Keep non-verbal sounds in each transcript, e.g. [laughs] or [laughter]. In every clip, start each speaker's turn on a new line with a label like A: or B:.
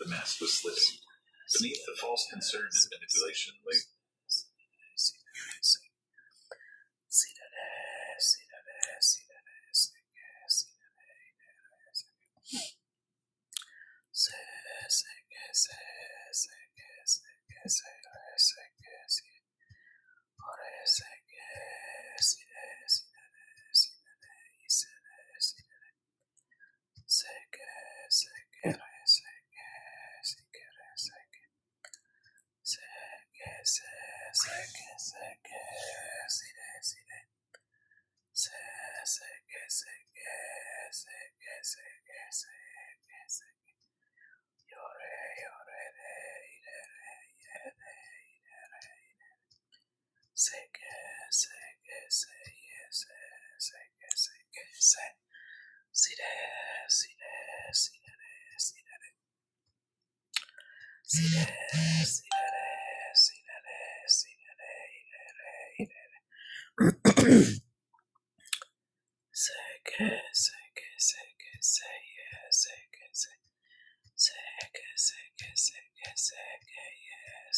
A: The mask was lifted. Beneath the false concern and manipulation lay. Yes,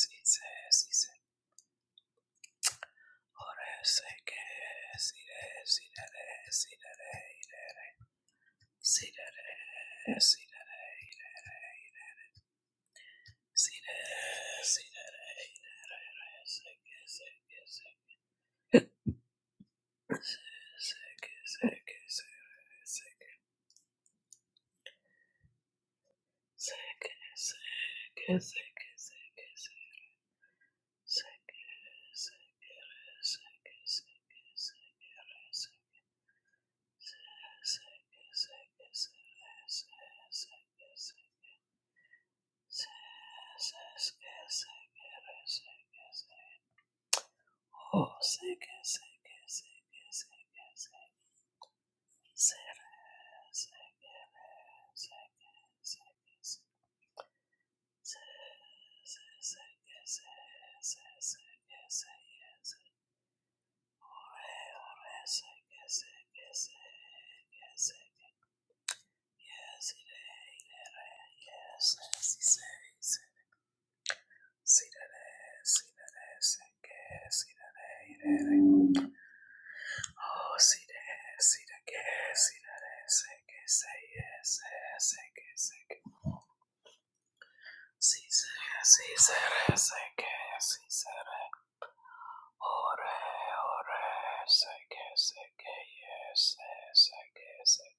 A: it says. Yes, Oh, sick, sick, sick, sick, sick, sick, sick, Oh, see that, see that, yeah, see that, yeah, say, yeah, say, yeah, say, yeah, say, yeah, say, yeah. See, say, yeah, see, say, yeah, say, yeah, see, say, yeah. Oh, yeah, oh, yeah, say, yeah, say, yeah, yeah, say, say, yeah, say.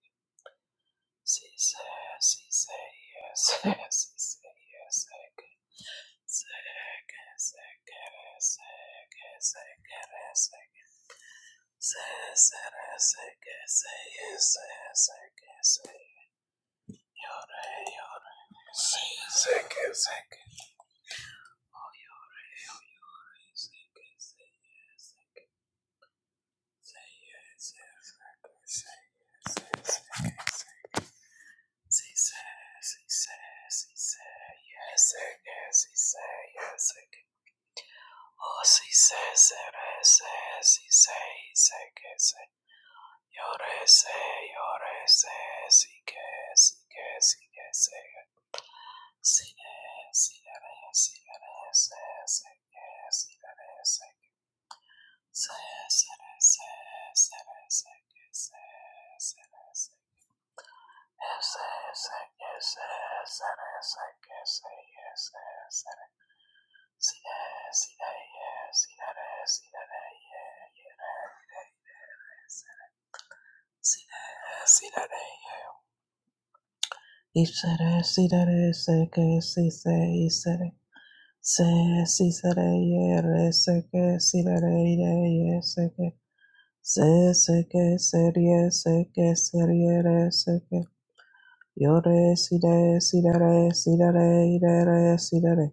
A: See, say, yeah, see, say, yeah, say, yeah, see, say, yeah, say, yeah. Say, yeah, say, yeah, yeah, say, yeah, say, yeah, yeah, say. Say, say, yeah, say, yeah, say, yeah, say, yeah, say, yeah. Yes, Se se que serie se que serie re se que yo re si re si re re si re re i re re si re re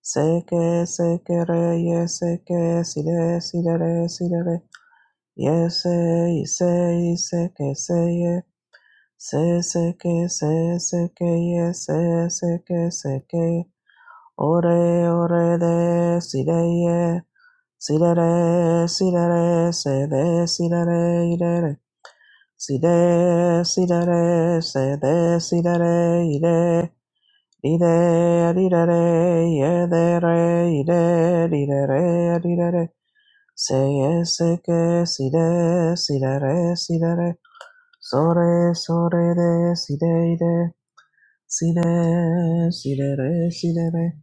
A: se que se que re ye se que si re si re re si re re ye se i se i se que se ye se se que se se que ye se se que se que ore ore de si re ye si re re si re re se de si re re i re re Si de, si da re, se de, si da re, ide, ide, di de, re, ye de re, ide, de, re, di de re, se ye se ke, si de, si da re, si da re, Sore, sore re de, si de, ide, si de, si de re, si de re,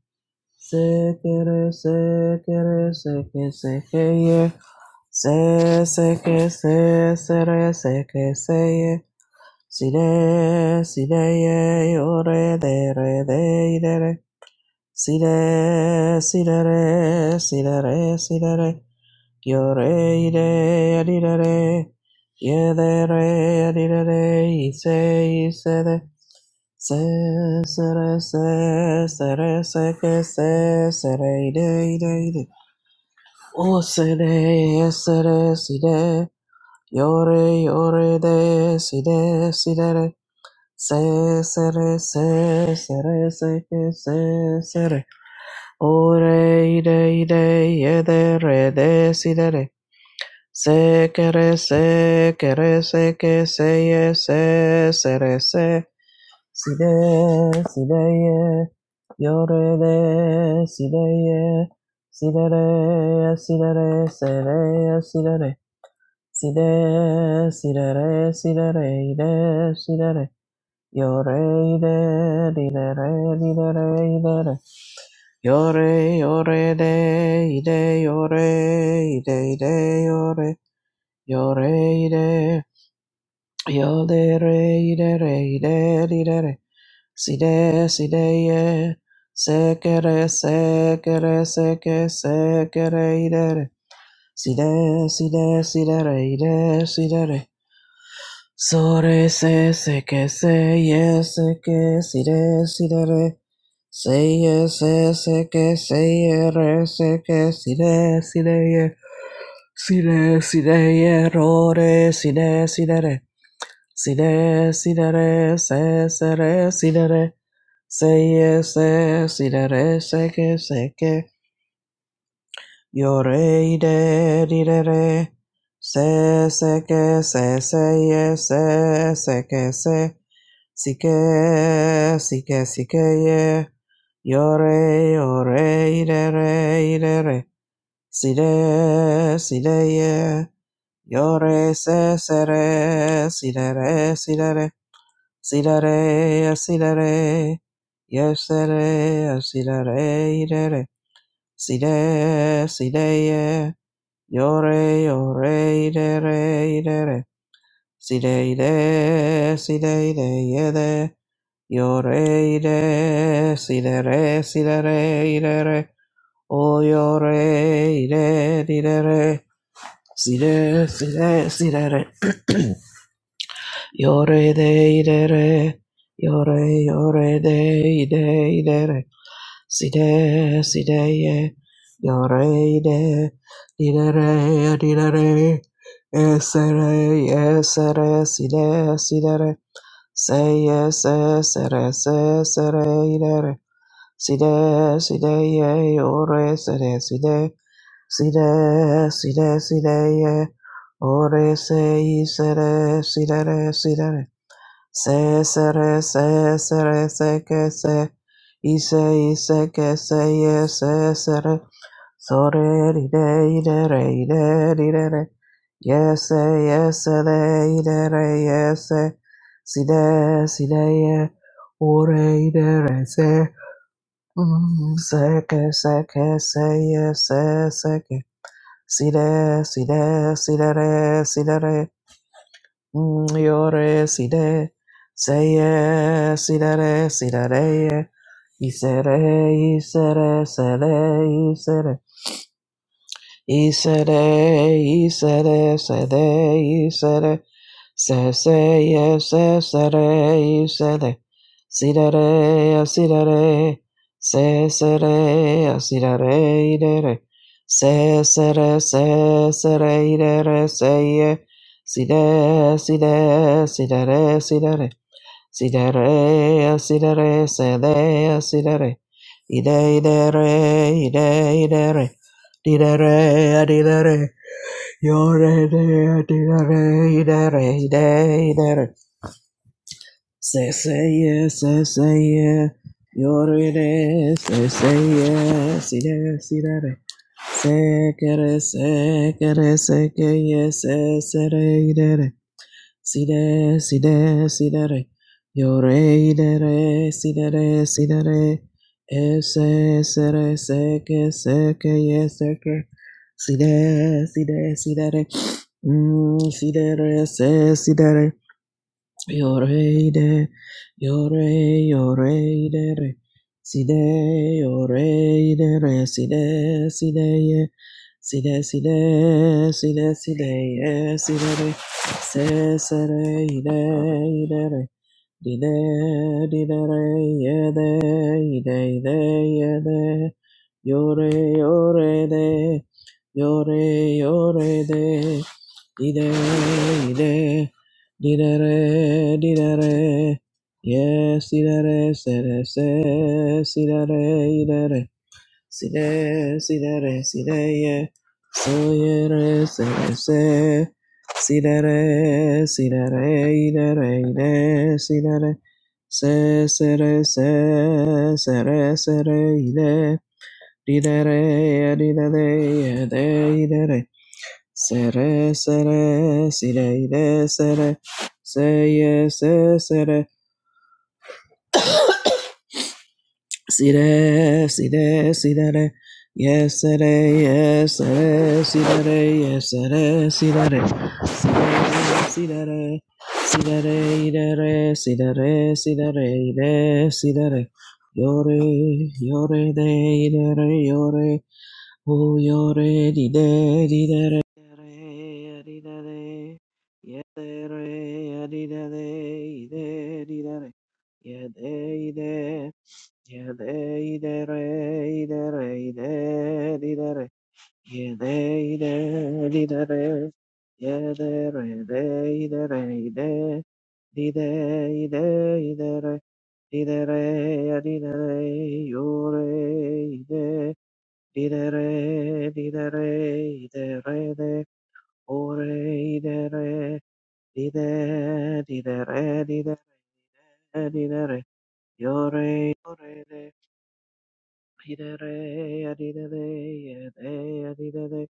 A: se ke re, se ke re, se ke, se ke ye, se, se ke, se, se re, se ke, se ye, Si re, si re, ye, o re, de, re, de, i, de, re. Si re, si re, re, si re, re, si re, yore Yo re, i, re, a, di, re, re. Ye, de, re, a, di, re, re. I, se, i, se, de. Se, se, re, se, se, re, se, ke, se, se, re, i, de, i, de, i, de. O, se, de, se, yore yore de. Yo re, yo re, de, si, de, si, de, re. Se se re se se re se ke se se re o re i de i de ye de re de si de re se ke re se ke re se ke se ye se se re se si de si de ye yo re de si de ye si de re si de re se re si de re si de si de re si de re i de si de re Yore ide ide re ide re ide re. Yore yore ide ide yore ide ide yore yore ide yore re ide re ide ide re. Side side ye sekere sekere seke sekere ide re. Side side side re ide side re. Sore s s e k s e e s e k s i d e s i d e e s e e s e k s e e r s e k s i d e s i d e e s i d e s i d e e errores s i d e s i d e e s i d e s i d e e s e s e s i d e e s e e s e k s e k y o r e i d e d i d e e s e s e k s e s e e s e s e k s e Sike, sike, sikeye, yore, yore, idere, idere, side, sideye, yore, se, sere, sidere, sidere, sidere, sidere, yesere, sidere, idere, side, sideye, yore, yore, idere, idere, Sideide, sideide, yede, yoreide, sidere, sidere, idere, o yoreide, didere, side, side, sidere, re idere, yore, yoreide, ide, idere, side, sideye, yoreide, re didere, esere, esere, side, re. Say yes, yes, yes, yes, yes, yes. Si de, si ye, ore, si de, si de, si de, si si ye, ore, se, i, se, de, si Se se re se se re se ke se ise ise ke se ye se se re so re ri de i re ide de ri de re ye se ye se de ide re ye se si de si de ye o re ide re se mm se ke se ke se ye se se ke si de si de si de re si de re Yore side, seye, sidere, sidere, isere, isere, sere, isere. Isere, isere, sere, isere, se, se, ye, se, sere, isere, sidere, sidere, se, sere, sidere, idere, se, sere, se, sere, idere, se, ye, side, side, sidere, sidere, Sidere, sidere, sede, sidere. Ide, idere, ide, idere. Didere, adidere. Yore, de, adidere, idere, ide, idere. Se, se, ye, se, se, ye. Yore, de, se, se, ye. Side, sidere. Se, kere, se, kere, se, ke, ye, se, sere, idere. Si de, si de, si de re. Yo re, de re, si de re, si de re. Ese, se re, se que, se que, ye, se que. Si de, si de, si de re. Mm, si de re, se, si de re. Yore de, yore, yore de re. Si de, yore de re. Si de, si de ye. Si de, si de, si de, si de ye. Si de re. Se, se re, ide, ide re. Dide, didere, yede, ide, ide, yede, yore, yore, de, yore, yore, de, ide, ide, didere, didere, yes, didere, sere, se, sidere, re. i de re Si re, si re re, si re ye, so ye re, se re se, si re re, si re re, i re re, i re, si re re, se se re se, se re se re, i re, di re re, di re re, de i re re, se re se re, si re i re, se re, se ye se se re. See that, see that, see that. Yes, it is. Yes, it is. See that. Yes, it is. See that. See that. See that. See that. See that. See that. See that. Yore, yore, de, de, yore. Oh, yore, di, de, di, de, re, re, di, de. Yes, di, de, re, di, de, de, ide, di, de. Yeah, Yede idere idere ide didere. Yede ide didere. Yedere de idere ide. Dide ide idere. Didere adidere yore ide. Didere didere idere de. Ore idere. Dide didere didere didere. Yore yore de. Hidere, adidere, yede, adidere,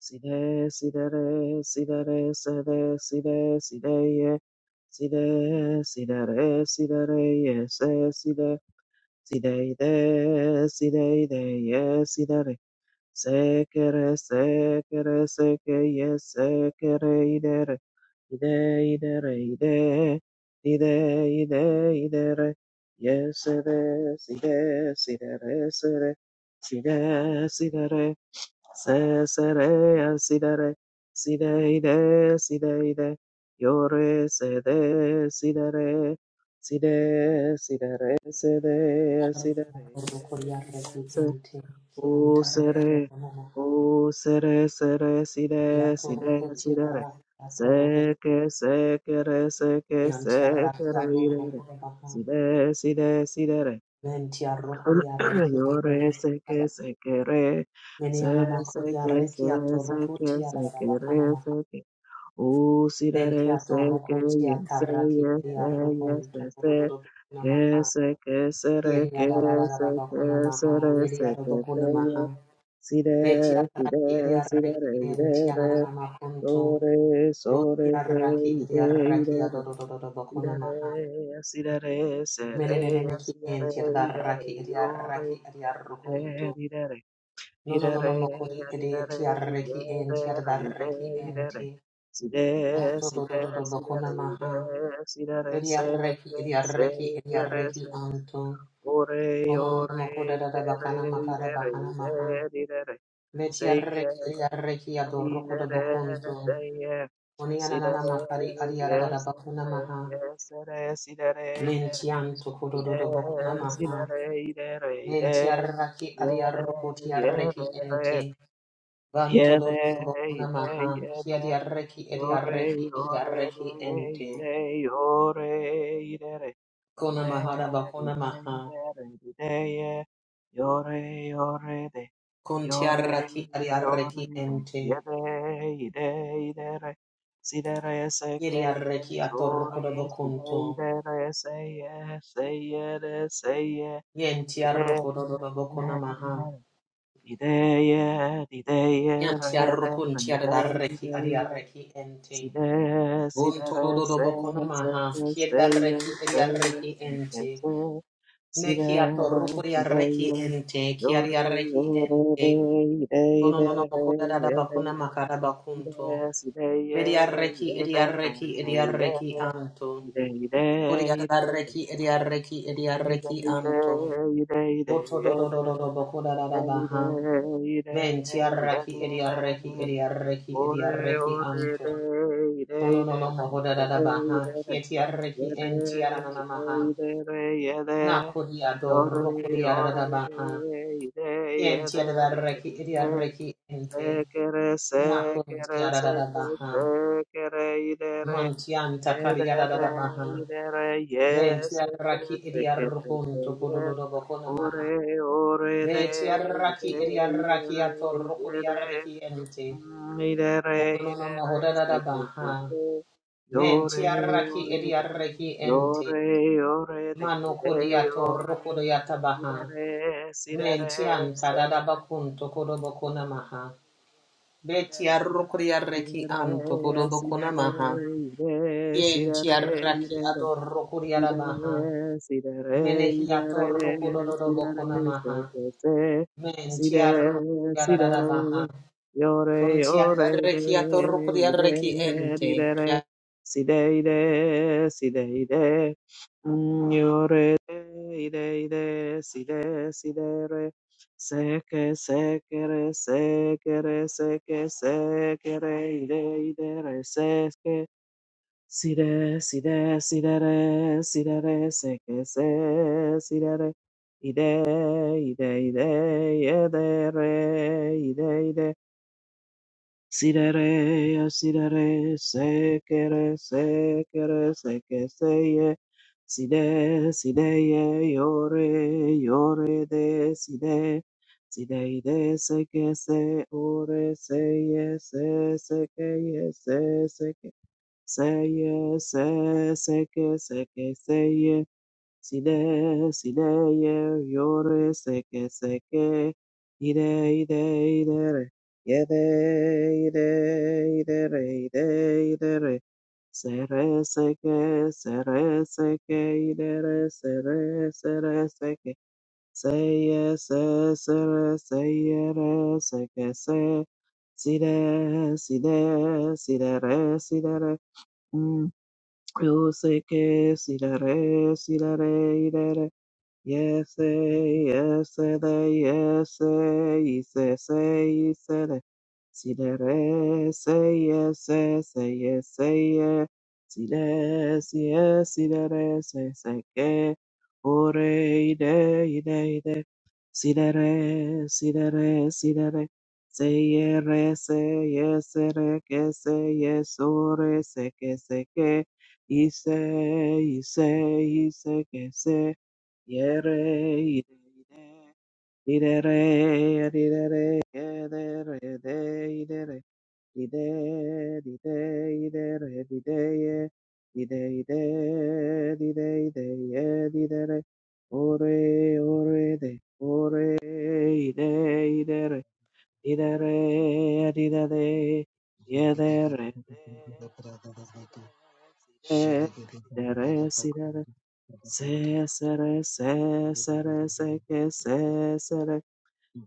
A: side, sidere, sidere, sede, side, sideye, side, sidere, sidere, yese, side, sideide, sideide, yesidere, sekere, sekere, sekeye, sekereidere, Ide, idere, ide, ide, ide, idere, yesere, side, sidere, sere, side, sidere, se, sere, asidere, side, ide, side, ide, yore, sede, sidere, side, sidere, sede,
B: Maha. Betia raki
A: asidere, ide, O sere, o sere, sere, sire, sire, sire, seke, seke, re, seke, seke, re, ire, re, sire, sire, sire, re, [clears throat] yore, seke, seke, re, se, seke, se, seke, seke, re, seke, o sire, re, seke, ye, se, ye, se, ye, se, se, que se, que se, re, que se, que se, re, seke, se, ye, Si re, si re,
B: ria
A: si re,
B: raki
A: re, i
B: en
A: re,
B: tiana na
A: re,
B: na makunto.
A: do re, so re, re,
B: Raki
A: i
B: Idiaraki
A: re,
B: Adodododobokuna
A: re,
B: Maha.
A: re, si re, re, si re, re, se re,
B: Menenene ki
A: si re,
B: Menenemeki
A: re, i re, re,
B: Entiadaraki
A: yo re,
B: Idiaraki
A: i re,
B: Adiarukuntu.
A: re, re,
B: No
A: i
B: no
A: re,
B: no no
A: re,
B: Mokuri
A: i re, ye re,
B: Idiaraki Entiadaraki Enti.
A: re, re,
B: adarraki
A: i re, re.
B: enti.
A: Si re,
B: Moto
A: si re, si re, re,
B: Dodododobokuna
A: i
B: Maha.
A: re, si re, re, se,
B: Idiaraki
A: che, se,
B: Idiaraki
A: che, re, se,
B: Idiaraki
A: che.
B: Anto.
A: o re,
B: No no no
A: o
B: no
A: re,
B: mokoda
A: i
B: da da
A: re, re,
B: Bakana
A: i
B: makara
A: re, re,
B: Bakana Maha.
A: i re, re, re.
B: Betiaraki Idiaraki Adorukuda
A: Sirere,
B: Oni ananana
A: sirere,
B: Makari Adiarada
A: yes,
B: Bakuna
A: sirere,
B: Maha.
A: yes, sirere, sirere, irere,
B: Mentian tokododo
A: ide,
B: bokunamaha.
A: sirere, irere, ide,
B: Mentiarraki
A: yere,
B: adiarrokoti arreki ente.
A: yerere, yere,
B: Bantododo
A: ide,
B: bokunamaha.
A: yere,
B: Kiadiarreki
A: Yore,
B: ediarreki
A: yore,
B: ediarreki
A: re,
B: ente.
A: ide, yore, ide, re, ide,
B: Konamahara
A: ide,
B: bakonamaha.
A: ide, re, ide, ye. Yore, yore, de, yore,
B: Kontiarraki adiarreki
A: yore, de,
B: ente.
A: yede, ide, ide, re. Side, re, se, ke, ye,
B: Yediarreki
A: sore,
B: atorrokodo
A: ye, side,
B: bokunto.
A: ide, re, se, ye, se, ye, de, se, ye. Ide,
B: Yentiarrokodo
A: ide, ide,
B: bokunamaha.
A: re, ide, ye, ide, ye, re, de, re, ide,
B: Yantiarrokuntiadarreki
A: ide, ye.
B: adiarreki
A: Si
B: ente.
A: re, si re,
B: Bunto
A: re,
B: do do do
A: se,
B: boko
A: se,
B: namaha.
A: se, se,
B: Kieda
A: ye,
B: reki
A: se,
B: eria
A: ye,
B: reki
A: se, se,
B: ente.
A: se. Si re,
B: Nekiato
A: si
B: rukuria
A: re,
B: reki
A: ye.
B: ente.
A: Yo, re,
B: Kiaria reki
A: yo, re,
B: ente.
A: re, i, re, i,
B: Kono no no
A: re, re,
B: moko da da da
A: ye, re.
B: bakuna makara
A: Si
B: bakunto.
A: re, si re, ye,
B: Veria
A: ye,
B: reki
A: re,
B: eria
A: re,
B: reki
A: re,
B: eria
A: ye,
B: reki
A: re.
B: anto.
A: I, re, i, re,
B: Koria
A: i, re, i, re.
B: da reki eria reki eria
A: I, re, i,
B: reki anto.
A: re, i, re, i, re, ye, re. I, re, i, re, i, re, i, re,
B: Boto do do do do do boko da da da baha. Ventia
A: ye,
B: reki
A: re,
B: eria
A: re,
B: reki
A: re, re.
B: eria reki eria
A: Ore
B: reki
A: ore
B: anto.
A: de de de de
B: Kononono
A: de de de
B: mohodada baha,
A: de
B: yetiareki entiarana maha,
A: de de de de
B: nakodia doro
A: Yore
B: kodiarada
A: ore
B: baha,
A: de de de
B: yentiadareki
A: de
B: idiareki ente,
A: Sekere sekere
B: nakontiarada
A: seke
B: baha,
A: sekere de re
B: mantianta
A: de de
B: kariarada baha,
A: de de re ye seke
B: ventiaraki
A: seke seke
B: idiarukunto
A: ye
B: kododo bokona maha,
A: Ore ore de de
B: vetiaraki
A: de de
B: idiaraki atoro
A: ye de
B: kodiareki ente,
A: Mm, ire, re,
B: kononono
A: ire, re, se,
B: mohodada
A: se, se,
B: baha,
A: se. Yo, re, yo,
B: ventiaraki
A: re, de.
B: idiareki
A: Yo,
B: ente,
A: re, yo, re, de,
B: Mano
A: ire,
B: kodiato
A: yo, re.
B: rokodiata
A: Ire,
B: baha.
A: re, si, re, re,
B: Mentian
A: se.
B: tadadabakun tokodobokona maha. Betia rokodia reki
A: Ire,
B: an
A: re, si,
B: tokodobokona
A: re,
B: maha.
A: re, ire, si, de
B: Yentia
A: re, y de,
B: raki
A: re,
B: ador rokodiara baha.
A: Sidere, sidere,
B: Menehiato
A: idere,
B: rokododobokona
A: sidere, se,
B: maha.
A: se, se,
B: Mentia
A: sidere,
B: rokodiara baha.
A: sidere, iore,
B: Kuntia
A: iore, de,
B: rekiato rokodia reki
A: ide,
B: ente.
A: didere, sideide, sideide, mm, iore, de, ide, ide, side, sidere, seke, sekere, sekere, seke, sekere, ide, idere, seke, Si re, si re, si re re, si re re, se que se, si re re, ide, ide, ide, ide, re, ide, ide, si re re, ya si re re, se que re, se que re, se que se ye, si de, si de ye, yo re, yo re de, si de, si de ide, se que se, o re, se ye, se, se que ye, Seye, se, seke, seke, seye, side, sideye, yore, seke, seke, ide, ide, idere, yede, ide, idere, ide, idere, sere, seke, sere, seke, idere, sere, sere, seke, seye, se, sere, seyere, seke, se, side, side, sidere, sidere, Yose que si la re, si la re, y la re. Yes, eh, yes, eh, the yes, eh, Sidere, say yes, say say yes, say yes. Sile, sile, sidere, say say ke. Ore, ide, ide, ide. Sidere, sidere, sidere. Say yere, say yes, ere, ke, say yes, ore, se ke, se ke. Ise, ise, ise, ke, se. Yere, ide, ide. Didere, didere, gedere, de, idere, dide, dide, idere, dideye, dide, ide, dide, ideye, didere, ore, ore, de, ore, ide, idere, didere, didere, yedere, de, sire, sidere, sidere, sidere, se, sere, se, sere, se, ke, se, sere,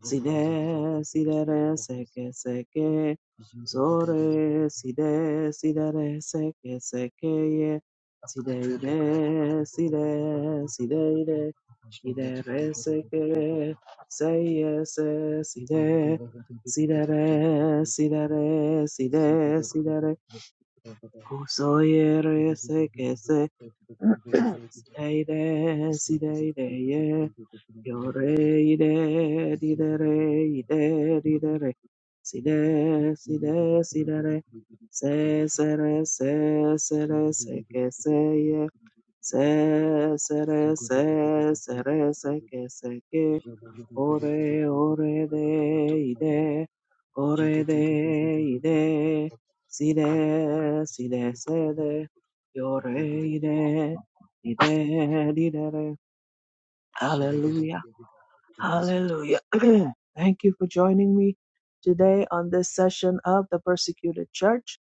A: Side, side, re, seke, seke. Sore, side, side, re, seke, seke, ye. Side, ide, side, side, ide. Ide, re, seke, se, ye, se, side. Side, re, side, re, side, side, re. Uso, ye, re, seke, se. Side, ide, side, ide, ye. Yo re ide di de re ide di de re si de si de si de re se se re se se re se que se ye se se re se se re se que se que ore ore de ide ore de ide si de si de se de yo re ide ide di de re Hallelujah. Hallelujah. [clears throat] Thank you for joining me today on this session of the persecuted church.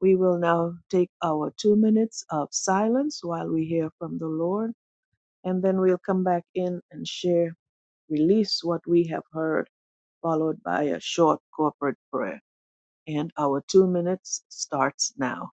A: We will now take our two minutes of silence while we hear from the Lord, and then we'll come back in and share, release what we have heard, followed by a short corporate prayer. And our two minutes starts now.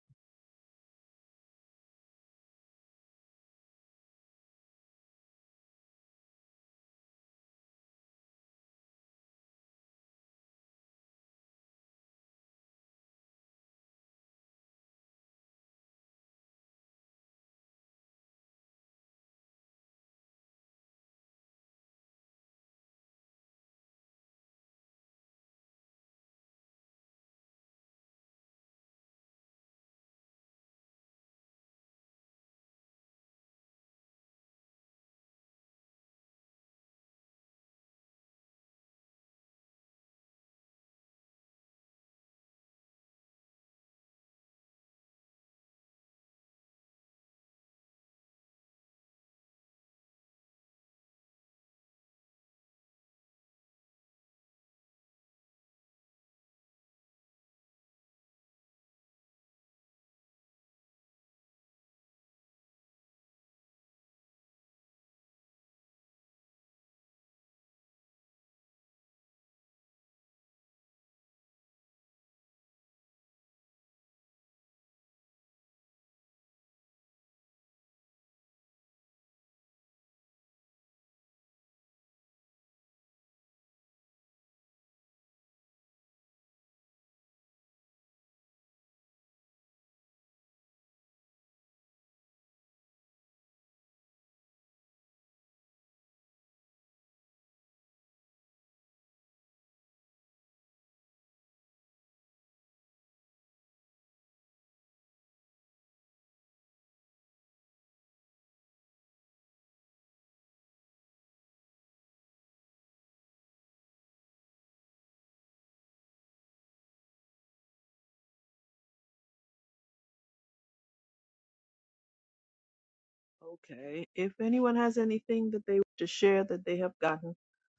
A: Okay. If anyone has anything that they want to share that they have gotten,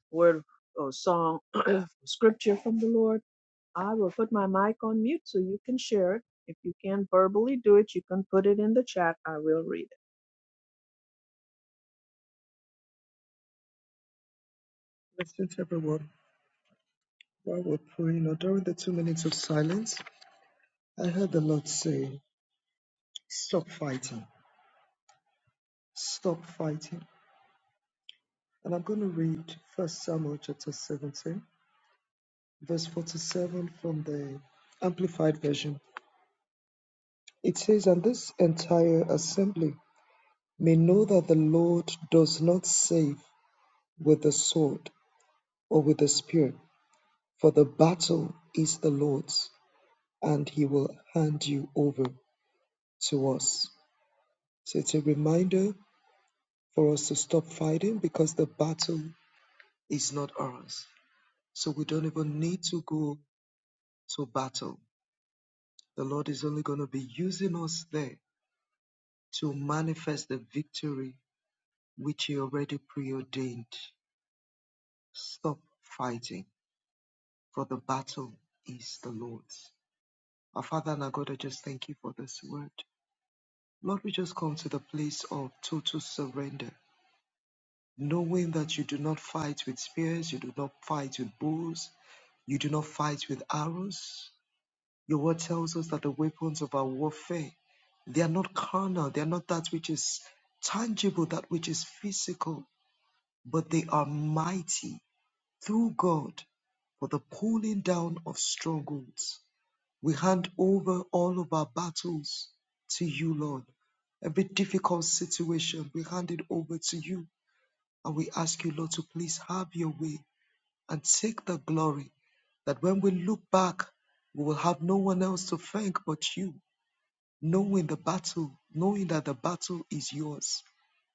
A: word or song, [clears throat] scripture from the Lord, I will put my mic on mute so you can share it. If you can't verbally do it, you can put it in the chat. I will read it.
C: While we're praying, or during the two minutes of silence, I heard the Lord say, Stop fighting, stop fighting. And I'm going to read First Samuel chapter 17, verse 47 from the Amplified Version. It says, And this entire assembly may know that the Lord does not save with the sword or with the spear, for the battle is the Lord's, and he will hand you over to us. So it's a reminder for us to stop fighting because the battle is not ours. So we don't even need to go to battle. The Lord is only going to be using us there to manifest the victory which He already preordained. Stop fighting, for the battle is the Lord's. Our Father and our God, I just thank you for this word. Lord, we just come to the place of total surrender knowing that you do not fight with spears, you do not fight with bows, you do not fight with arrows. Your word tells us that the weapons of our warfare, they are not carnal, they are not that which is tangible, that which is physical, but they are mighty through God for the pulling down of strongholds. We hand over all of our battles to you, Lord. Every difficult situation, we hand it over to you and we ask you, Lord, to please have your way and take the glory that when we look back, we will have no one else to thank but you, knowing the battle, knowing that the battle is yours,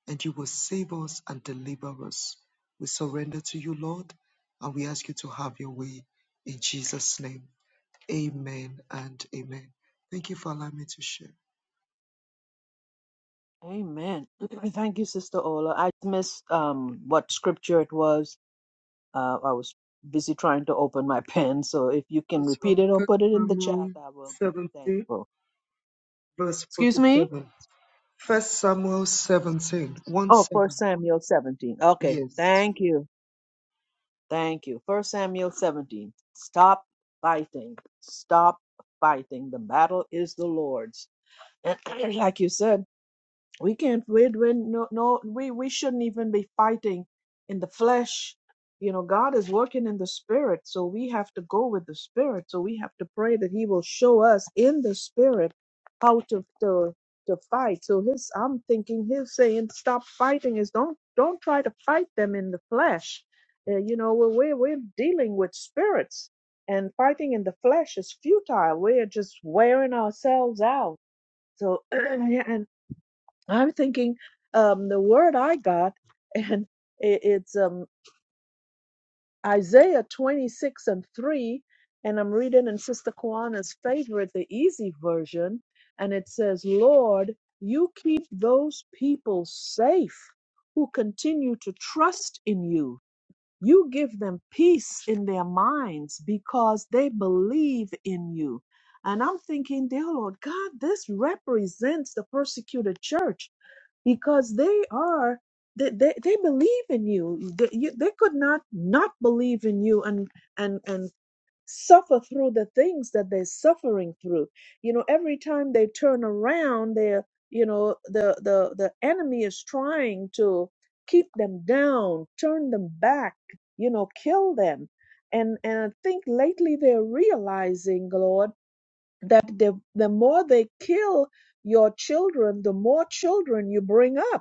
C: and you will save us and deliver us. We surrender to you, Lord, and we ask you to have your way in Jesus' name. Amen and amen. Thank you for allowing me to share.
A: Amen. [clears throat] Thank you, Sister Ola. I missed um, what scripture it was. Uh, I was busy trying to open my [laughs] pen. So if you can
C: Verse
A: repeat
C: from
A: it or
C: 1
A: put it in the chat,
C: Samuel
A: I will be
C: 17,
A: thankful.
C: verse
A: Excuse me?
C: 47. First Samuel 17, one
A: Oh,
C: 7.
A: First Samuel 17. Okay.
C: Yes.
A: Thank you. Thank you. First Samuel 17. Stop fighting. Stop fighting. The battle is the Lord's And [clears throat] like you said, we can't win when no no we we shouldn't even be fighting in the flesh. You know, God is working in the spirit, so we have to go with the spirit. So we have to pray that He will show us in the spirit how to to to fight. So His I'm thinking He's saying stop fighting is don't don't try to fight them in the flesh. Uh, you know, we're we're we're dealing with spirits, and fighting in the flesh is futile. We're just wearing ourselves out so [clears throat] yeah, and I'm thinking um, the word I got, [laughs] and it, it's um, Isaiah 26 and 3, and I'm reading in Sister Kawana's favorite, the easy version, and it says, Lord, you keep those people safe who continue to trust in you. You give them peace in their minds because they believe in you. And I'm thinking, dear Lord God, this represents the persecuted church because they are they, they, they believe in you. They, you they could not not believe in you and and and suffer through the things that they're suffering through you know every time they turn around they're you know the the the enemy is trying to keep them down turn them back you know kill them and and i think lately they're realizing lord that the the more they kill your children the more children you bring up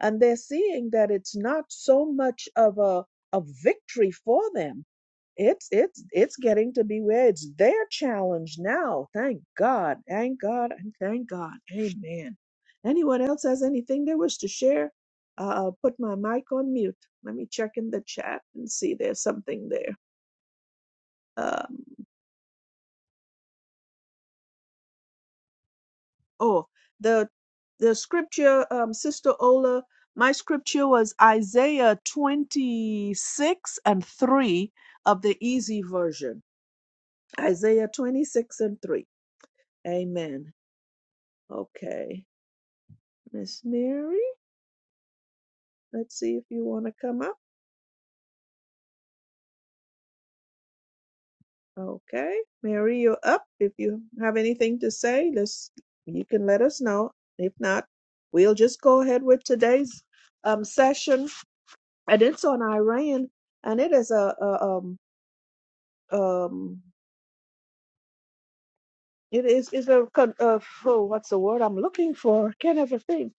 A: and they're seeing that it's not so much of a a victory for them it's it's it's getting to be where it's their challenge now thank god thank god and thank god amen anyone else has anything they wish to share uh, i'll put my mic on mute let me check in the chat and see there's something there Um, Oh, the the scripture, um, Sister Ola, my scripture was Isaiah 26 and 3 of the easy version. Isaiah 26 and 3. Amen. Okay. Miss Mary, let's see if you want to come up. Okay. Mary, you're up. If you have anything to say, let's, you can let us know. If not, we'll just go ahead with today's um, session and it's on Iran, and it is a, a um um it is is a con- uh, oh, what's the word I'm looking for? Can't ever think.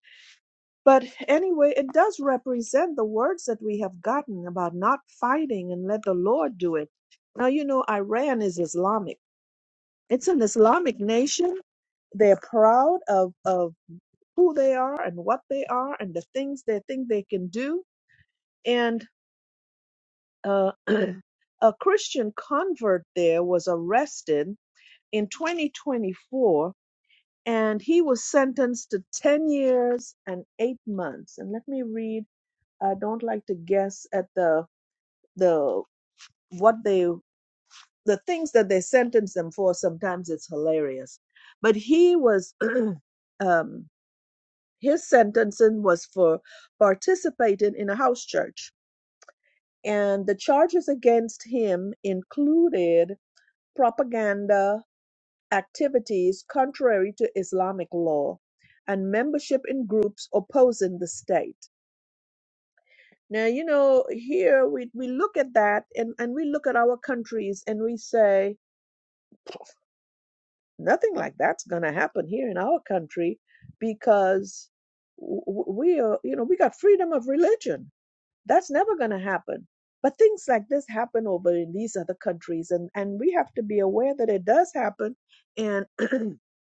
A: But anyway, it does represent the words that we have gotten about not fighting and let the Lord do it. Now you know Iran is Islamic. It's an Islamic nation. They're proud of of who they are and what they are and the things they think they can do. And uh, [clears throat] a Christian convert there was arrested in 2024, and he was sentenced to 10 years and eight months. And let me read. I don't like to guess at the the what they the things that they sentence them for. Sometimes it's hilarious, but he was [clears throat] um, his sentencing was for participating in a house church, and the charges against him included propaganda activities contrary to Islamic law and membership in groups opposing the state. Now, you know, here we, we look at that and, and we look at our countries and we say, nothing like that's going to happen here in our country because we are, you know, we got freedom of religion That's never going to happen. But things like this happen over in these other countries, and, and we have to be aware that it does happen. And [clears throat]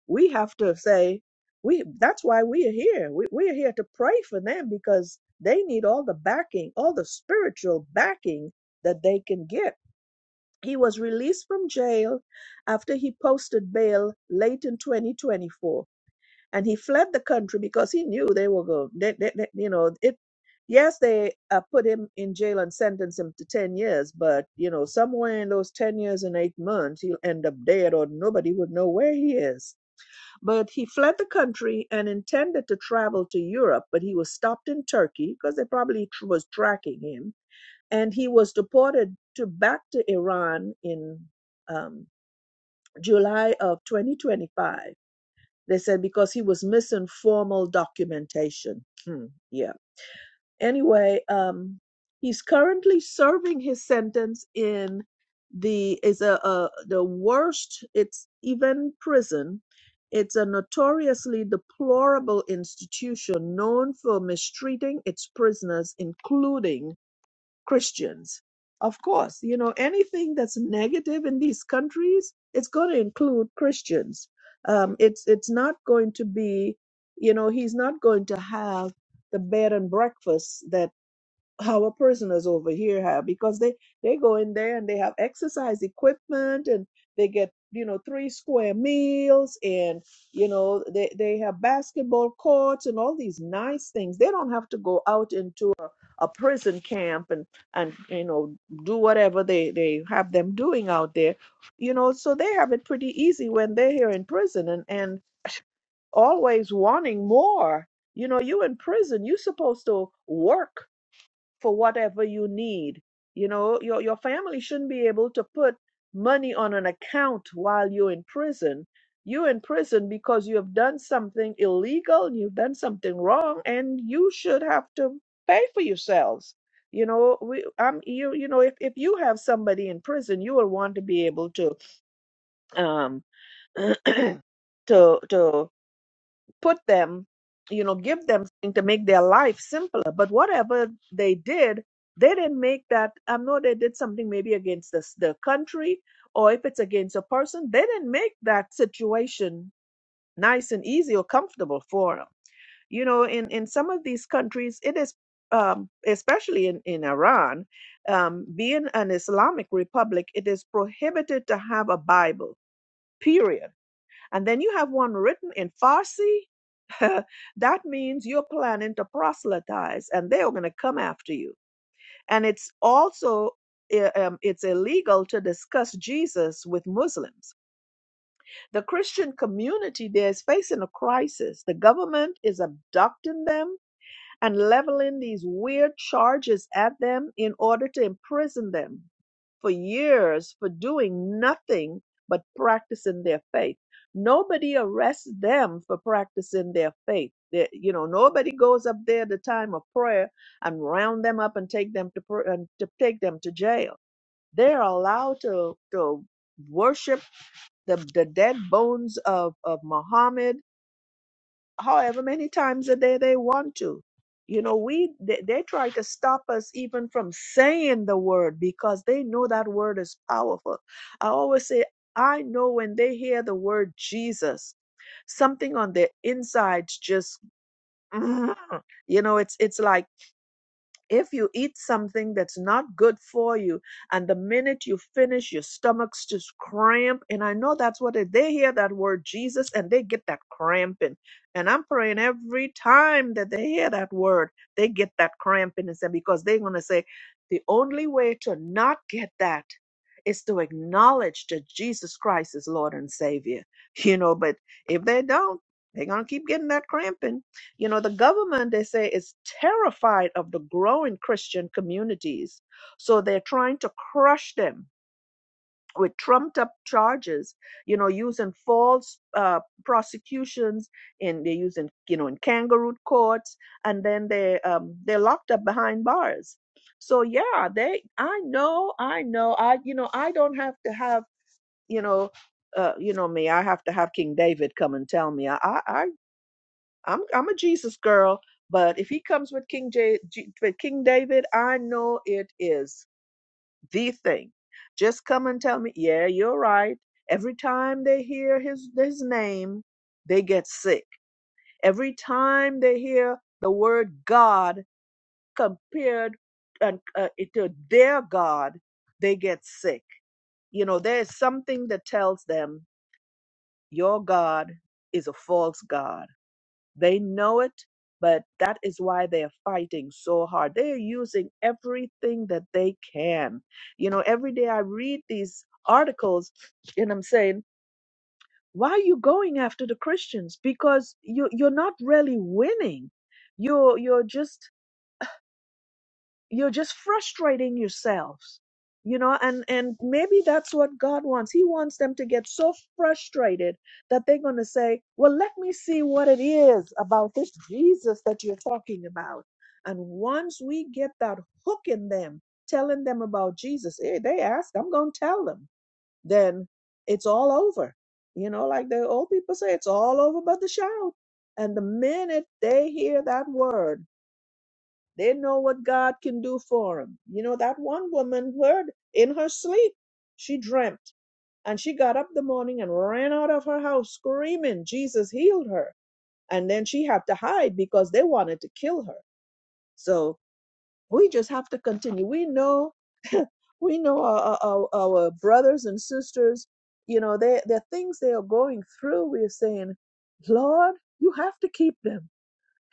A: we have to say, we that's why we are here. We, we are here to pray for them because they need all the backing, all the spiritual backing that they can get. He was released from jail after he posted bail late in 2024 and he fled the country because he knew they were going. They, they, they- you know, it. Yes, they uh, put him in jail and sentenced him to ten years, but you know, somewhere in those ten years and eight months, he'll end up dead, or nobody would know where he is. But he fled the country and intended to travel to Europe, but he was stopped in Turkey because they probably tr- was tracking him, and he was deported to back to Iran in um, July of 2025 they said because he was missing formal documentation. Hmm, yeah. Anyway, um, he's currently serving his sentence in the is a, a the worst. It's even prison. It's a notoriously deplorable institution known for mistreating its prisoners, including Christians. Of course, you know, anything that's negative in these countries, it's going to include Christians. Um, it's, it's not going to be, you know, he's not going to have the bed and breakfast that our prisoners over here have because they they go in there and they have exercise equipment and they get you know three square meals and you know they they have basketball courts and all these nice things they don't have to go out into a, a prison camp and and you know do whatever they they have them doing out there you know so they have it pretty easy when they're here in prison and and always wanting more you know you in prison you supposed to work for whatever you need. You know, your, your family shouldn't be able to put money on an account while you're in prison. You're in prison because you have done something illegal, you've done something wrong, and you should have to pay for yourselves. You know, we, um, you, you know, if, if you have somebody in prison, you will want to be able to, um, [clears throat] to, to put them, you know, give them something to make their life simpler. But whatever they did, they didn't make that. I know they did something maybe against this, the country or if it's against a person, they didn't make that situation nice and easy or comfortable for them. You know, in, in some of these countries, it is, um, especially in, in Iran, um, being an Islamic republic, it is prohibited to have a Bible, period and then you have one written in Farsi. [laughs] that means you're planning to proselytize and they're going to come after you. And it's also um, it's illegal to discuss Jesus with Muslims. The Christian community there is facing a crisis. The government is abducting them and leveling these weird charges at them in order to imprison them for years for doing nothing but practicing their faith. Nobody arrests them for practicing their faith. They- you know, nobody goes up there at the time of prayer and round them up and take them to pr- and to take them to jail. They're allowed to to worship the, the dead bones of of Muhammad however many times a day they want to. You know, we they, they try to stop us even from saying the word because they know that word is powerful. I always say, I know when they hear the word Jesus, something on their insides just, [laughs] [clears throat] you know, it's it's like if you eat something that's not good for you, and the minute you finish, your stomach's just cramp. And I know that's what it, they hear that word Jesus and they get that cramping. And I'm praying every time that they hear that word, they get that cramping and say, because they're going to say, the only way to not get that is to acknowledge that Jesus Christ is Lord and Savior. You know, but if they don't, they're going to keep getting that cramping you know, the government, they say, is terrified of the growing Christian communities. So they're trying to crush them with trumped up charges, you know, using false uh, prosecutions and they're using, you know, in kangaroo courts and then they, um, they're locked up behind bars. So yeah, they, I know, I know, I, you know, I don't have to have, you know, uh, you know me, I have to have King David come and tell me. I, I, I I'm I'm a Jesus girl, but if he comes with King J, G, with King David, I know it is the thing. Just come and tell me, yeah, you're right. Every time they hear his his name, they get sick. Every time they hear the word God compared and uh, it to their God, they get sick. You know, there is something that tells them your God is a false God They know it, but that is why they are fighting so hard. They are using everything that they can. You know, every day I read these articles and I'm saying, why are you going after the Christians? Because you you're not really winning. You're you're just you're just frustrating yourselves you know and and maybe that's what god wants he wants them to get so frustrated that they're going to say well let me see what it is about this jesus that you're talking about and once we get that hook in them telling them about jesus eh, they ask i'm going to tell them then it's all over you know like the old people say it's all over but the shout and the minute they hear that word they know what God can do for them. You know, that one woman heard in her sleep, she dreamt, and she got up the morning and ran out of her house screaming, Jesus healed her. And then she had to hide because they wanted to kill her. So we just have to continue. We know, [laughs] we know our, our, our brothers and sisters, you know, they, the things they are going through, we're saying, Lord, you have to keep them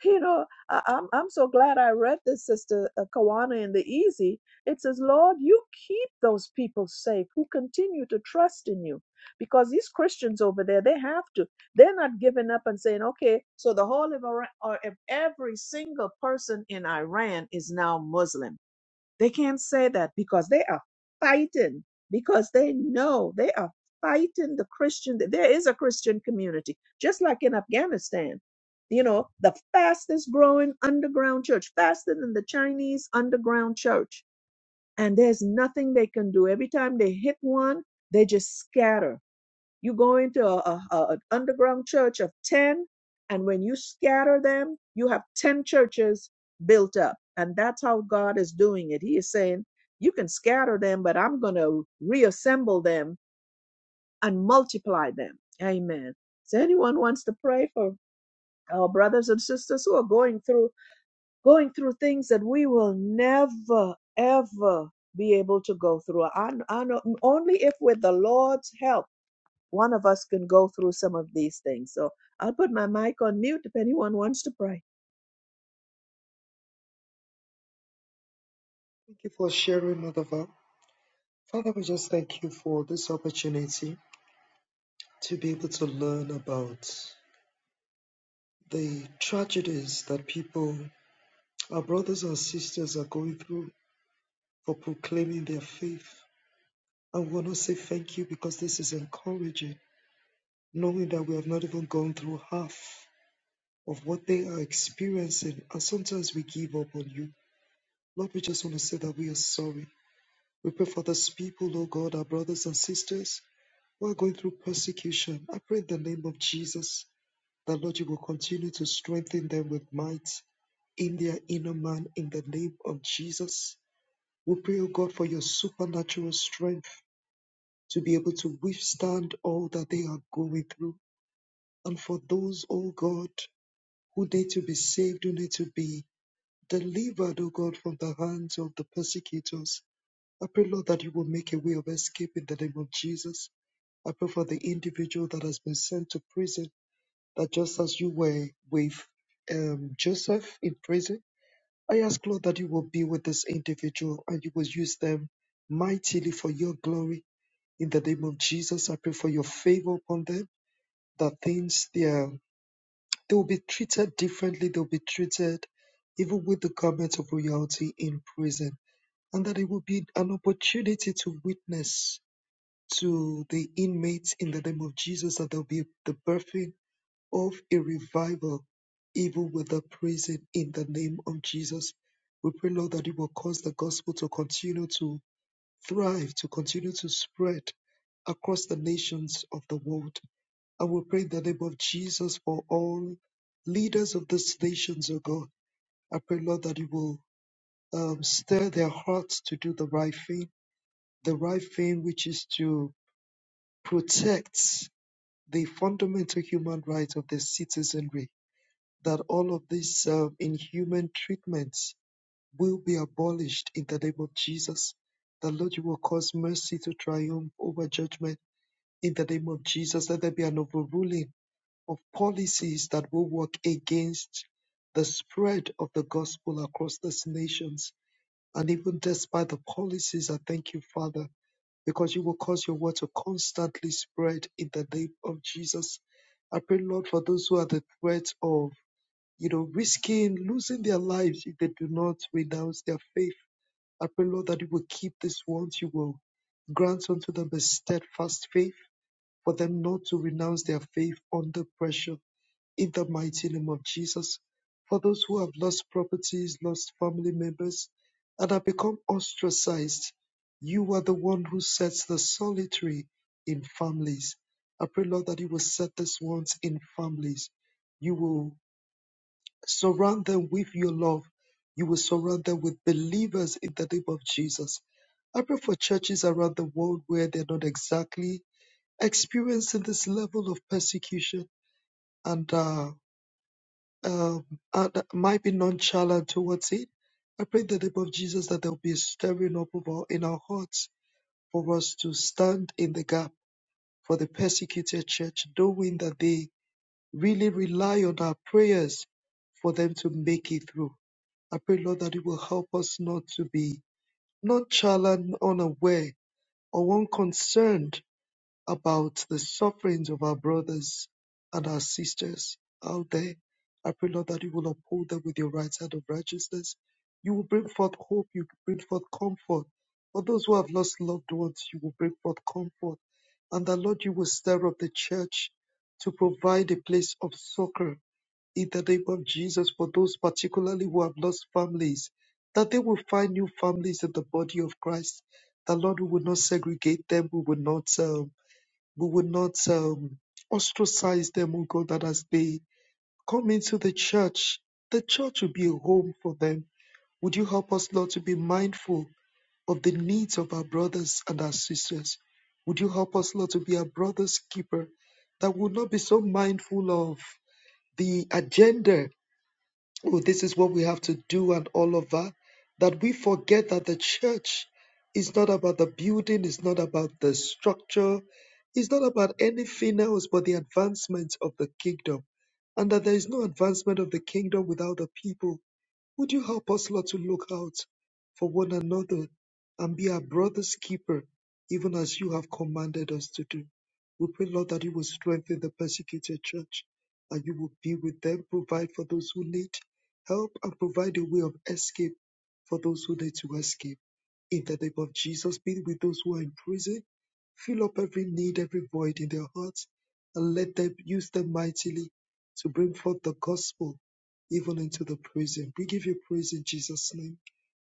A: you know, I, I'm I'm so glad I read this, Sister uh, Kawana in the Easy. It says, Lord, you keep those people safe who continue to trust in you, because these Christians over there, they have to. They're not giving up and saying, okay, so the whole of Iran or if every single person in Iran is now Muslim they can't say that because they are fighting, because they know they are fighting the Christian. There is a Christian community, just like in Afghanistan. You know, the fastest growing underground church, faster than the Chinese underground church. And there's nothing they can do. Every time they hit one, they just scatter you go into an underground church of 10, and when you scatter them, you have 10 churches built up. And that's how God is doing it. He is saying, You can scatter them, but I'm going to reassemble them and multiply them. Amen. So, anyone wants to pray for our brothers and sisters who are going through going through things that we will never ever be able to go through. I, I know, only if with the Lord's help one of us can go through some of these things. So I'll put my mic on mute if anyone wants to pray.
C: Thank you for sharing, Mother Val. Father, we just thank you for this opportunity to be able to learn about the tragedies that people, our brothers and sisters, are going through for proclaiming their faith. And we want to say thank you because this is encouraging, knowing that we have not even gone through half of what they are experiencing. And sometimes we give up on you. Lord, we just want to say that we are sorry We pray for these people, oh God, our brothers and sisters who are going through persecution. I pray in the name of Jesus that, Lord, you will continue to strengthen them with might in their inner man in the name of Jesus. We pray, O God, for your supernatural strength to be able to withstand all that they are going through. And for those, O God, who need to be saved, who need to be delivered, O God, from the hands of the persecutors, I pray, Lord, that you will make a way of escape in the name of Jesus. I pray for the individual that has been sent to prison, that just as you were with um, Joseph in prison, I ask, Lord, that you will be with this individual and you will use them mightily for your glory. In the name of Jesus, I pray for your favor upon them, that things they, are, they will be treated differently, they will be treated even with the garment of royalty in prison, and that it will be an opportunity to witness to the inmates in the name of Jesus that there'll be the birthing of a revival, even with the prison in the name of Jesus. We pray, Lord, that it will cause the gospel to continue to thrive, to continue to spread across the nations of the world. And we pray in the name of Jesus for all leaders of these nations, O God. I pray, Lord, that you will um, stir their hearts to do the right thing, the right thing which is to protect the fundamental human right of the citizenry that all of these uh, inhuman treatments will be abolished in the name of Jesus. The Lord, you will cause mercy to triumph over judgment in the name of Jesus. Let there be an overruling of policies that will work against the spread of the gospel across these nations. And even despite the policies, I thank you, Father because you will cause your word to constantly spread in the name of Jesus. I pray, Lord, for those who are the threat of, you know, risking losing their lives if they do not renounce their faith. I pray, Lord, that you will keep these ones. You will grant unto them a steadfast faith for them not to renounce their faith under pressure in the mighty name of Jesus. For those who have lost properties, lost family members, and have become ostracized, you are the one who sets the solitary in families. I pray, Lord, that you will set these ones in families. You will surround them with your love. You will surround them with believers in the name of Jesus. I pray for churches around the world where they're not exactly experiencing this level of persecution and uh, um, are, that might be nonchalant towards it. I pray in the name of Jesus that there will be a stirring up of our, in our hearts for us to stand in the gap for the persecuted church, knowing that they really rely on our prayers for them to make it through. I pray, Lord, that it will help us not to be nonchalant, unaware, or unconcerned about the sufferings of our brothers and our sisters out there. I pray, Lord, that you will uphold them with your right hand of righteousness. You will bring forth hope. You will bring forth comfort. For those who have lost loved ones, you will bring forth comfort. And that, Lord, you will stir up the church to provide a place of succor in the name of Jesus for those particularly who have lost families, that they will find new families in the body of Christ. That, Lord, we will not segregate them. We will not. uh, we would not um, ostracize them, oh God, that as they come into the church, the church will be a home for them. Would you help us, Lord, to be mindful of the needs of our brothers and our sisters? Would you help us, Lord, to be our brother's keeper, that would not be so mindful of the agenda oh, this is what we have to do and all of that, that we forget that the church is not about the building, it's not about the structure, it's not about anything else but the advancement of the kingdom. And that there is no advancement of the kingdom without the people would you help us, Lord, to look out for one another and be our brother's keeper, even as you have commanded us to do? We pray, Lord, that you will strengthen the persecuted church, and you will be with them, provide for those who need help, and provide a way of escape for those who need to escape. In the name of Jesus, be with those who are in prison Fill up every need, every void in their hearts, and let them use them mightily to bring forth the gospel even into the prison. We give you praise in Jesus' name.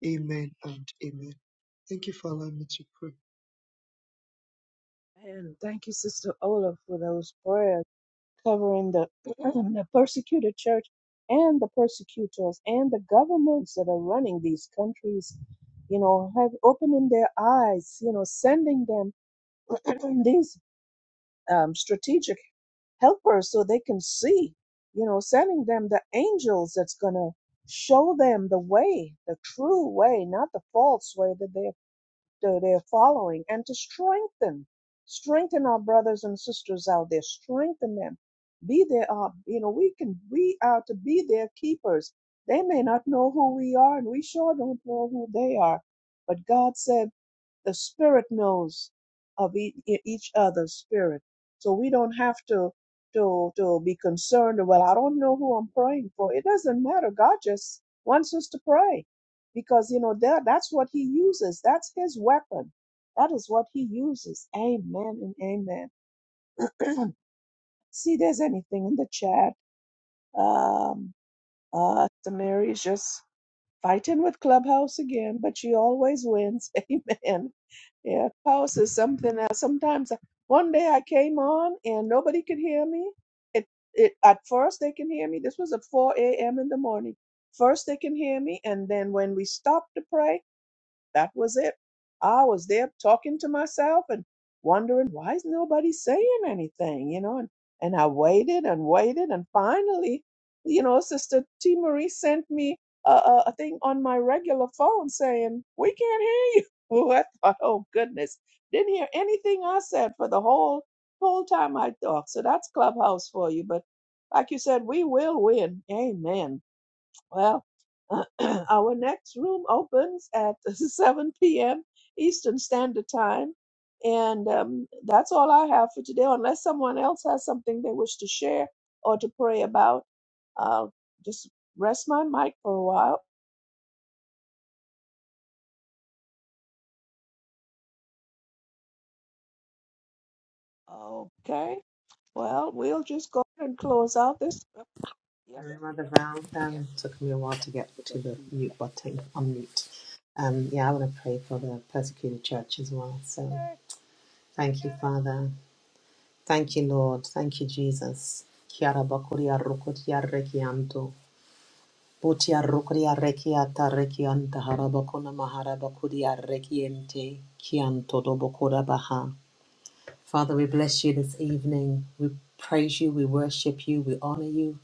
C: Amen and amen. Thank you for allowing me to pray.
A: And thank you, Sister Ola, for those prayers covering the, [clears throat] the persecuted church and the persecutors and the governments that are running these countries, you know, have opening their eyes, you know, sending them [clears throat] these um, strategic helpers so they can see, you know, sending them the angels that's going to show them the way, the true way, not the false way that they're, that they're following, and to strengthen, strengthen our brothers and sisters out there, strengthen them. Be there, uh, you know, we can, we are to be their keepers. They may not know who we are, and we sure don't know who they are. But God said, the spirit knows of e- e- each other's spirit. So we don't have to to to be concerned. Well, I don't know who I'm praying for. It doesn't matter. God just wants us to pray because you know that that's what He uses. That's His weapon. That is what He uses. Amen and amen. See, there's anything in the chat. Um, uh, Sister Mary is just Fighting with Clubhouse again, but she always wins. [laughs] Amen. Yeah, Clubhouse is something else. Sometimes I- one day I came on and nobody could hear me. It it at first they can hear me. This was at 4 a.m. in the morning. First they can hear me, and then when we stopped to pray. That was it. I was there talking to myself and wondering why is nobody saying anything, you know, and, and I waited and waited and finally, you know, Sister T Marie sent me a, a, a thing on my regular phone saying, We can't hear you. [laughs] Oh, I thought, oh goodness. Didn't hear anything I said for the whole whole time I talked. So that's Clubhouse for you. But like you said, we will win. Amen. Well, [clears throat] our next room opens at [laughs] 7 p.m. Eastern Standard Time. And um, that's all I have for today, unless someone else has something they wish to share or to pray about. I'll just rest my mic for a while. Okay. Well, we'll just go ahead and close out this. oh, Yes.
B: Hello, Mother Val. Um, it took me a while to get to the mute button, unmute. Um, yeah, I want to pray for the persecuted church as well. So thank you, Father. Thank you, Lord. Thank you, Jesus. Kiara bakuria rukutia rekianto. Butia rukuria rekiata rekianta harabakuna mahara bakuria rekiente. Kianto dobokura baha. Father, we bless you this evening. We praise you. We worship you. We honor you.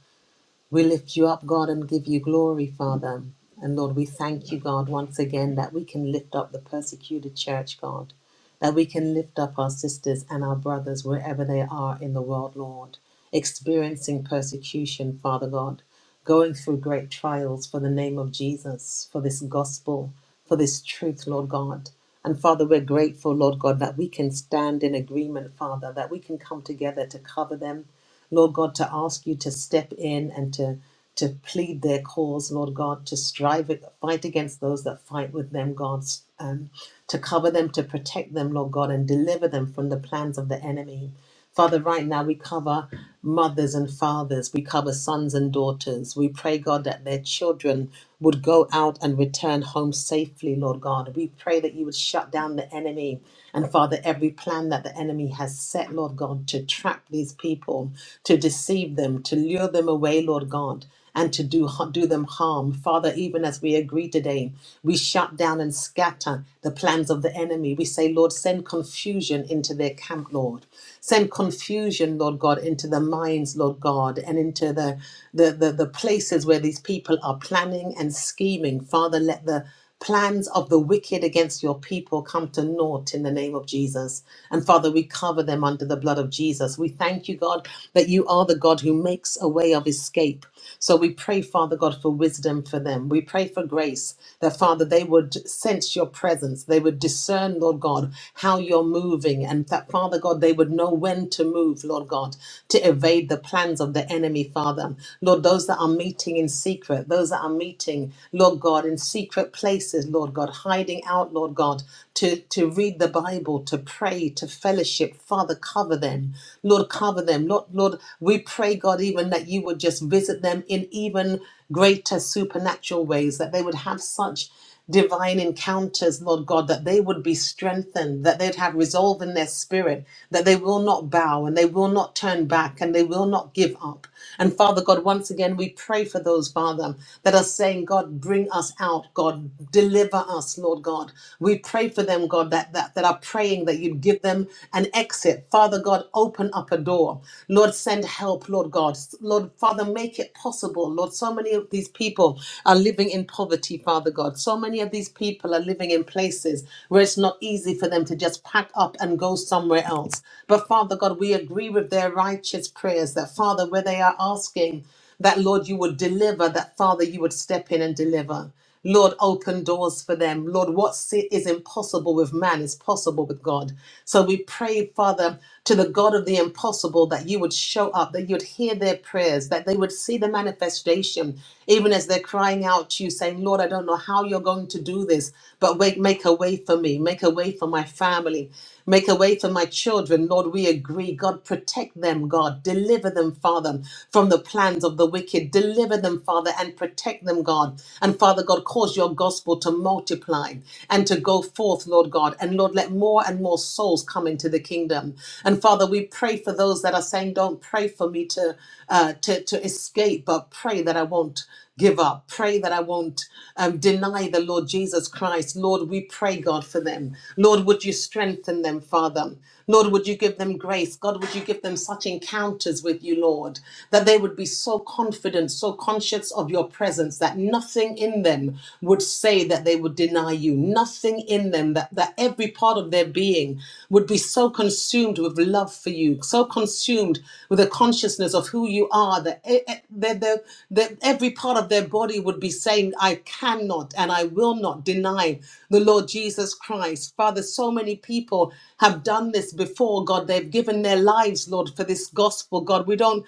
B: We lift you up, God, and give you glory, Father. And Lord, we thank you, God, once again that we can lift up the persecuted church, God, that we can lift up our sisters and our brothers wherever they are in the world, Lord, experiencing persecution, Father God, going through great trials for the name of Jesus, for this gospel, for this truth, Lord God. And Father, we're grateful, Lord God, that we can stand in agreement, Father, that we can come together to cover them Lord God, to ask you to step in and to to plead their cause, Lord God, to strive it, fight against those that fight with them, God, um, to cover them, to protect them, Lord God, and deliver them from the plans of the enemy. Father, right now we cover mothers and fathers, we cover sons and daughters. We pray, God, that their children would go out and return home safely, Lord God. We pray that you would shut down the enemy and, Father, every plan that the enemy has set, Lord God, to trap these people, to deceive them, to lure them away, Lord God and to do, do them harm. Father, even as we agree today, we shut down and scatter the plans of the enemy. We say, Lord, send confusion into their camp, Lord. Send confusion, Lord God, into the minds, Lord God, and into the, the, the, the places where these people are planning and scheming. Father, let the Plans of the wicked against your people come to naught in the name of Jesus. And Father, we cover them under the blood of Jesus. We thank you, God, that you are the God who makes a way of escape. So we pray, Father God, for wisdom for them. We pray for grace that, Father, they would sense your presence. They would discern, Lord God, how you're moving. And that, Father God, they would know when to move, Lord God, to evade the plans of the enemy, Father. Lord, those that are meeting in secret, those that are meeting, Lord God. God, in secret places, Lord God, hiding out, Lord God, to, to read the Bible, to pray, to fellowship. Father, cover them. Lord, cover them. Lord, Lord, we pray, God, even that you would just visit them in even greater supernatural ways, that they would have such divine encounters, Lord God, that they would be strengthened, that they'd have resolve in their spirit, that they will not bow and they will not turn back and they will not give up. And Father God, once again, we pray for those, Father, that are saying, God, bring us out, God, deliver us, Lord God. We pray for them, God, that, that, that are praying that you'd give them an exit. Father God, open up a door. Lord, send help, Lord God. Lord, Father, make it possible possible, Lord. So many of these people are living in poverty, Father God. So many of these people are living in places where it's not easy for them to just pack up and go somewhere else. But Father God, we agree with their righteous prayers that, Father, where they are asking, that Lord, you would deliver, that Father, you would step in and deliver. Lord, open doors for them. Lord, what si- is impossible with man is possible with God. So we pray, Father, to the God of the impossible that you would show up, that you'd hear their prayers, that they would see the manifestation, even as they're crying out to you, saying, Lord, I don't know how you're going to do this, but wait, make a way for me, make a way for my family, make a way for my children. Lord, we agree. God, protect them, God. Deliver them, Father, from the plans of the wicked. Deliver them, Father, and protect Protect them, God. And Father God, cause your gospel to multiply and to go forth, Lord God. And Lord, let more and more souls come into the kingdom. And Father, we pray for those that are saying, don't pray for me to, uh, to, to escape, but pray that I won't give up. Pray that I won't um, deny the Lord Jesus Christ. Lord, we pray, God, for them. Lord, would you strengthen them, Father? Lord, would you give them grace? God, would you give them such encounters with you, Lord, that they would be so confident? confident, so conscious of your presence that nothing in them would say that they would deny you, nothing in them that, that every part of their being would be so consumed with love for you, so consumed with a consciousness of who you are that, e- e- that, that, that every part of their body would be saying, I cannot and I will not deny the Lord Jesus Christ. Father, so many people have done this before, God. They've given their lives, Lord, for this gospel, God. We don't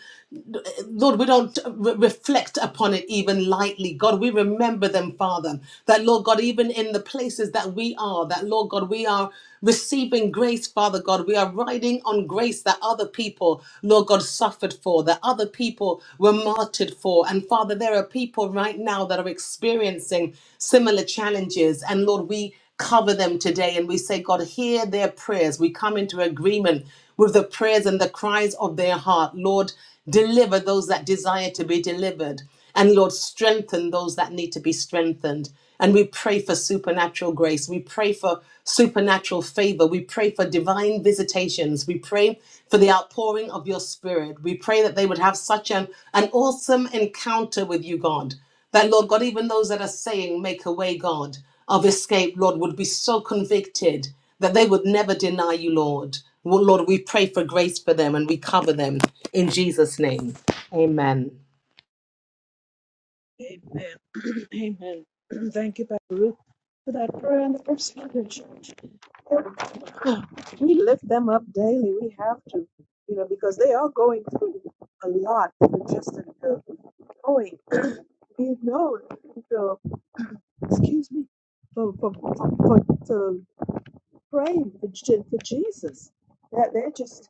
B: Lord, we don't uh, re- reflect upon it even lightly. God, we remember them, Father. That, Lord God, even in the places that we are, that, Lord God, we are receiving grace, Father God. We are riding on grace that other people, Lord God, suffered for, that other people were martyred for. And, Father, there are people right now that are experiencing similar challenges. And, Lord, we cover them today and we say, God, hear their prayers. We come into agreement with the prayers and the cries of their heart. Lord, deliver those that desire to be delivered. And Lord, strengthen those that need to be strengthened. And we pray for supernatural grace. We pray for supernatural favor. We pray for divine visitations. We pray for the outpouring of your spirit. We pray that they would have such an, an awesome encounter with you, God. That, Lord God, even those that are saying, make a way, God, of escape, Lord, would be so convicted that they would never deny you, Lord. Well, Lord, we pray for grace for them and we cover them in Jesus' name. Amen.
A: Okay. Amen. [clears throat] Amen. [clears throat] Thank you, Pastor Ruth, for that prayer and the persecution. we lift them up daily. We have to, you know, because they are going through a lot. They're just uh, going, being known. So, excuse me, for for for, for praying for, Je- for Jesus. That they're just,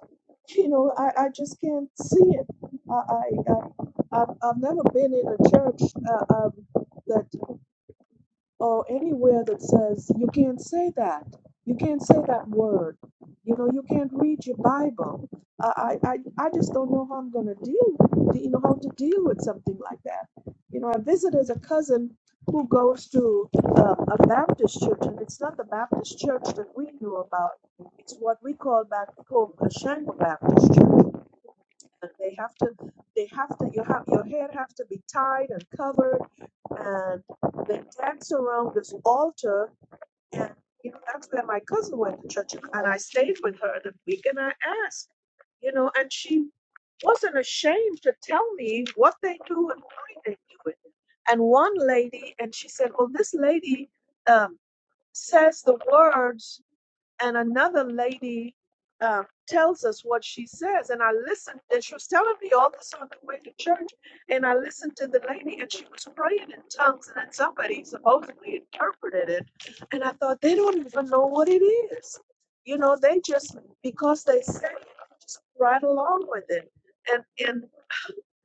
A: you know, I, I just can't see it. I I, I I've, I've never been in a church uh, um, that or anywhere that says you can't say that you can't say that word you know you can't read your bible i i, I I just don't know how i'm going to deal with, you know how to deal with something like that you know i visited a cousin who goes to um, a baptist church and it's not the baptist church that we knew about it's what we call back home a shango baptist and they have to they have to you have your hair have to be tied and covered and they dance around this altar and you know that's where my cousin went to church and I stayed with her the week and I asked you know and she wasn't ashamed to tell me what they do and why they do it and one lady and she said well this lady um, says the words and another lady uh, tells us what she says. And I listened, and she was telling me all this on the way to church. And I listened to the lady, and she was praying in tongues, and then somebody supposedly interpreted it. And I thought, they don't even know what it is. You know, they just, because they say it, just right along with it. And, and,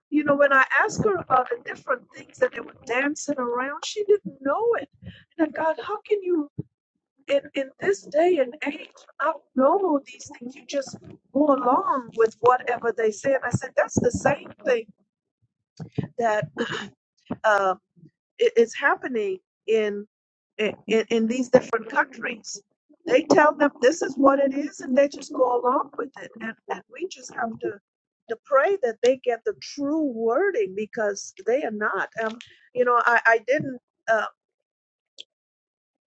A: you know, when I asked her about the different things that they were dancing around, she didn't know it. And I, God, how can you in, in this day and age, I don't know these things. You just go along with whatever they say. And I said, that's the same thing that [clears throat] um, i- is happening in, in in these different countries. They tell them this is what it is, and they just go along with it. And, and we just have to to pray that they get the true wording because they are not. Um, you know, I I didn't uh,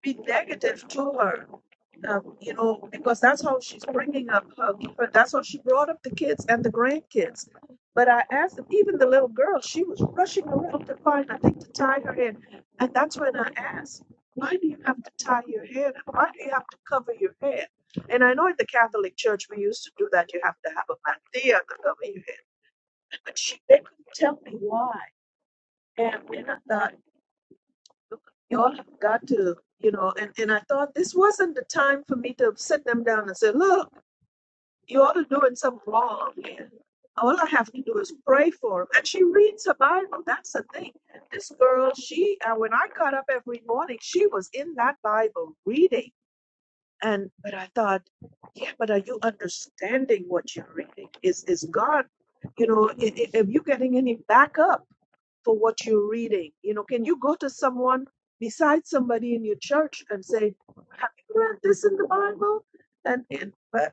A: be negative to her um, you know, because that's how she's bringing up her, her- that's how she brought up the kids and the grandkids. But I asked them, even the little girl, she was rushing around to find, I think, to tie her hair. And that's when I asked, why do you have to tie your hair? why do you have to cover your hair? And I know in the Catholic Church we used to do that. You have to have a mantilla to cover your head. But she, they couldn't tell me why. And, and I thought, y'all have got to, you know, and, and I thought this wasn't the time for me to sit them down and say, look, you ought to doing something wrong, man. All I have to do is pray for him. And she reads her Bible. That's the thing. This girl, she uh, when I got up every morning, she was in that Bible reading. And but I thought, yeah, but are you understanding what you're reading? Is is God, you know, i- i- if you're getting any backup for what you're reading, you know, can you go to someone besides somebody in your church and say, Have you read this in the Bible? And, and uh,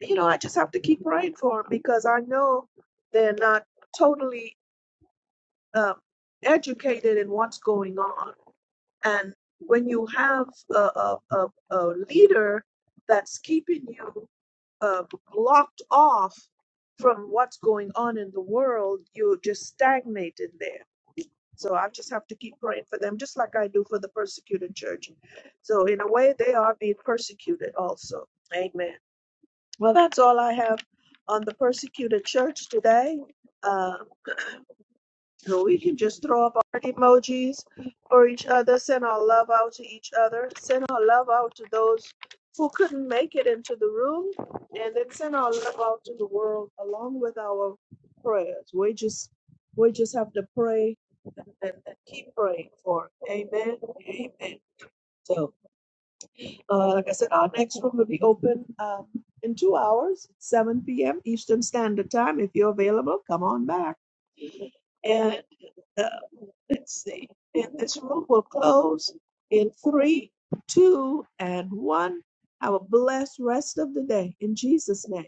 A: you know, I just have to keep praying for them because I know they're not totally um, educated in what's going on. And when you have a, a, a, a leader that's keeping you uh, locked off from what's going on in the world, you're just stagnated there. So I just have to keep praying for them, just like I do for the persecuted church. So in a way, they are being persecuted also. Amen. Well, that's all I have on the persecuted church today. Uh, we can just throw up our emojis for each other, send our love out to each other, send our love out to those who couldn't make it into the room, and then send our love out to the world along with our prayers. We just we just have to pray and, and keep praying for. it. Amen. Amen. So uh, like I said, our next room will be open um, in two hours, 7 p.m. Eastern Standard Time. If you're available, come on back. And uh, let's see, and this room will close in three, two, and one. Have a blessed rest of the day in Jesus' name.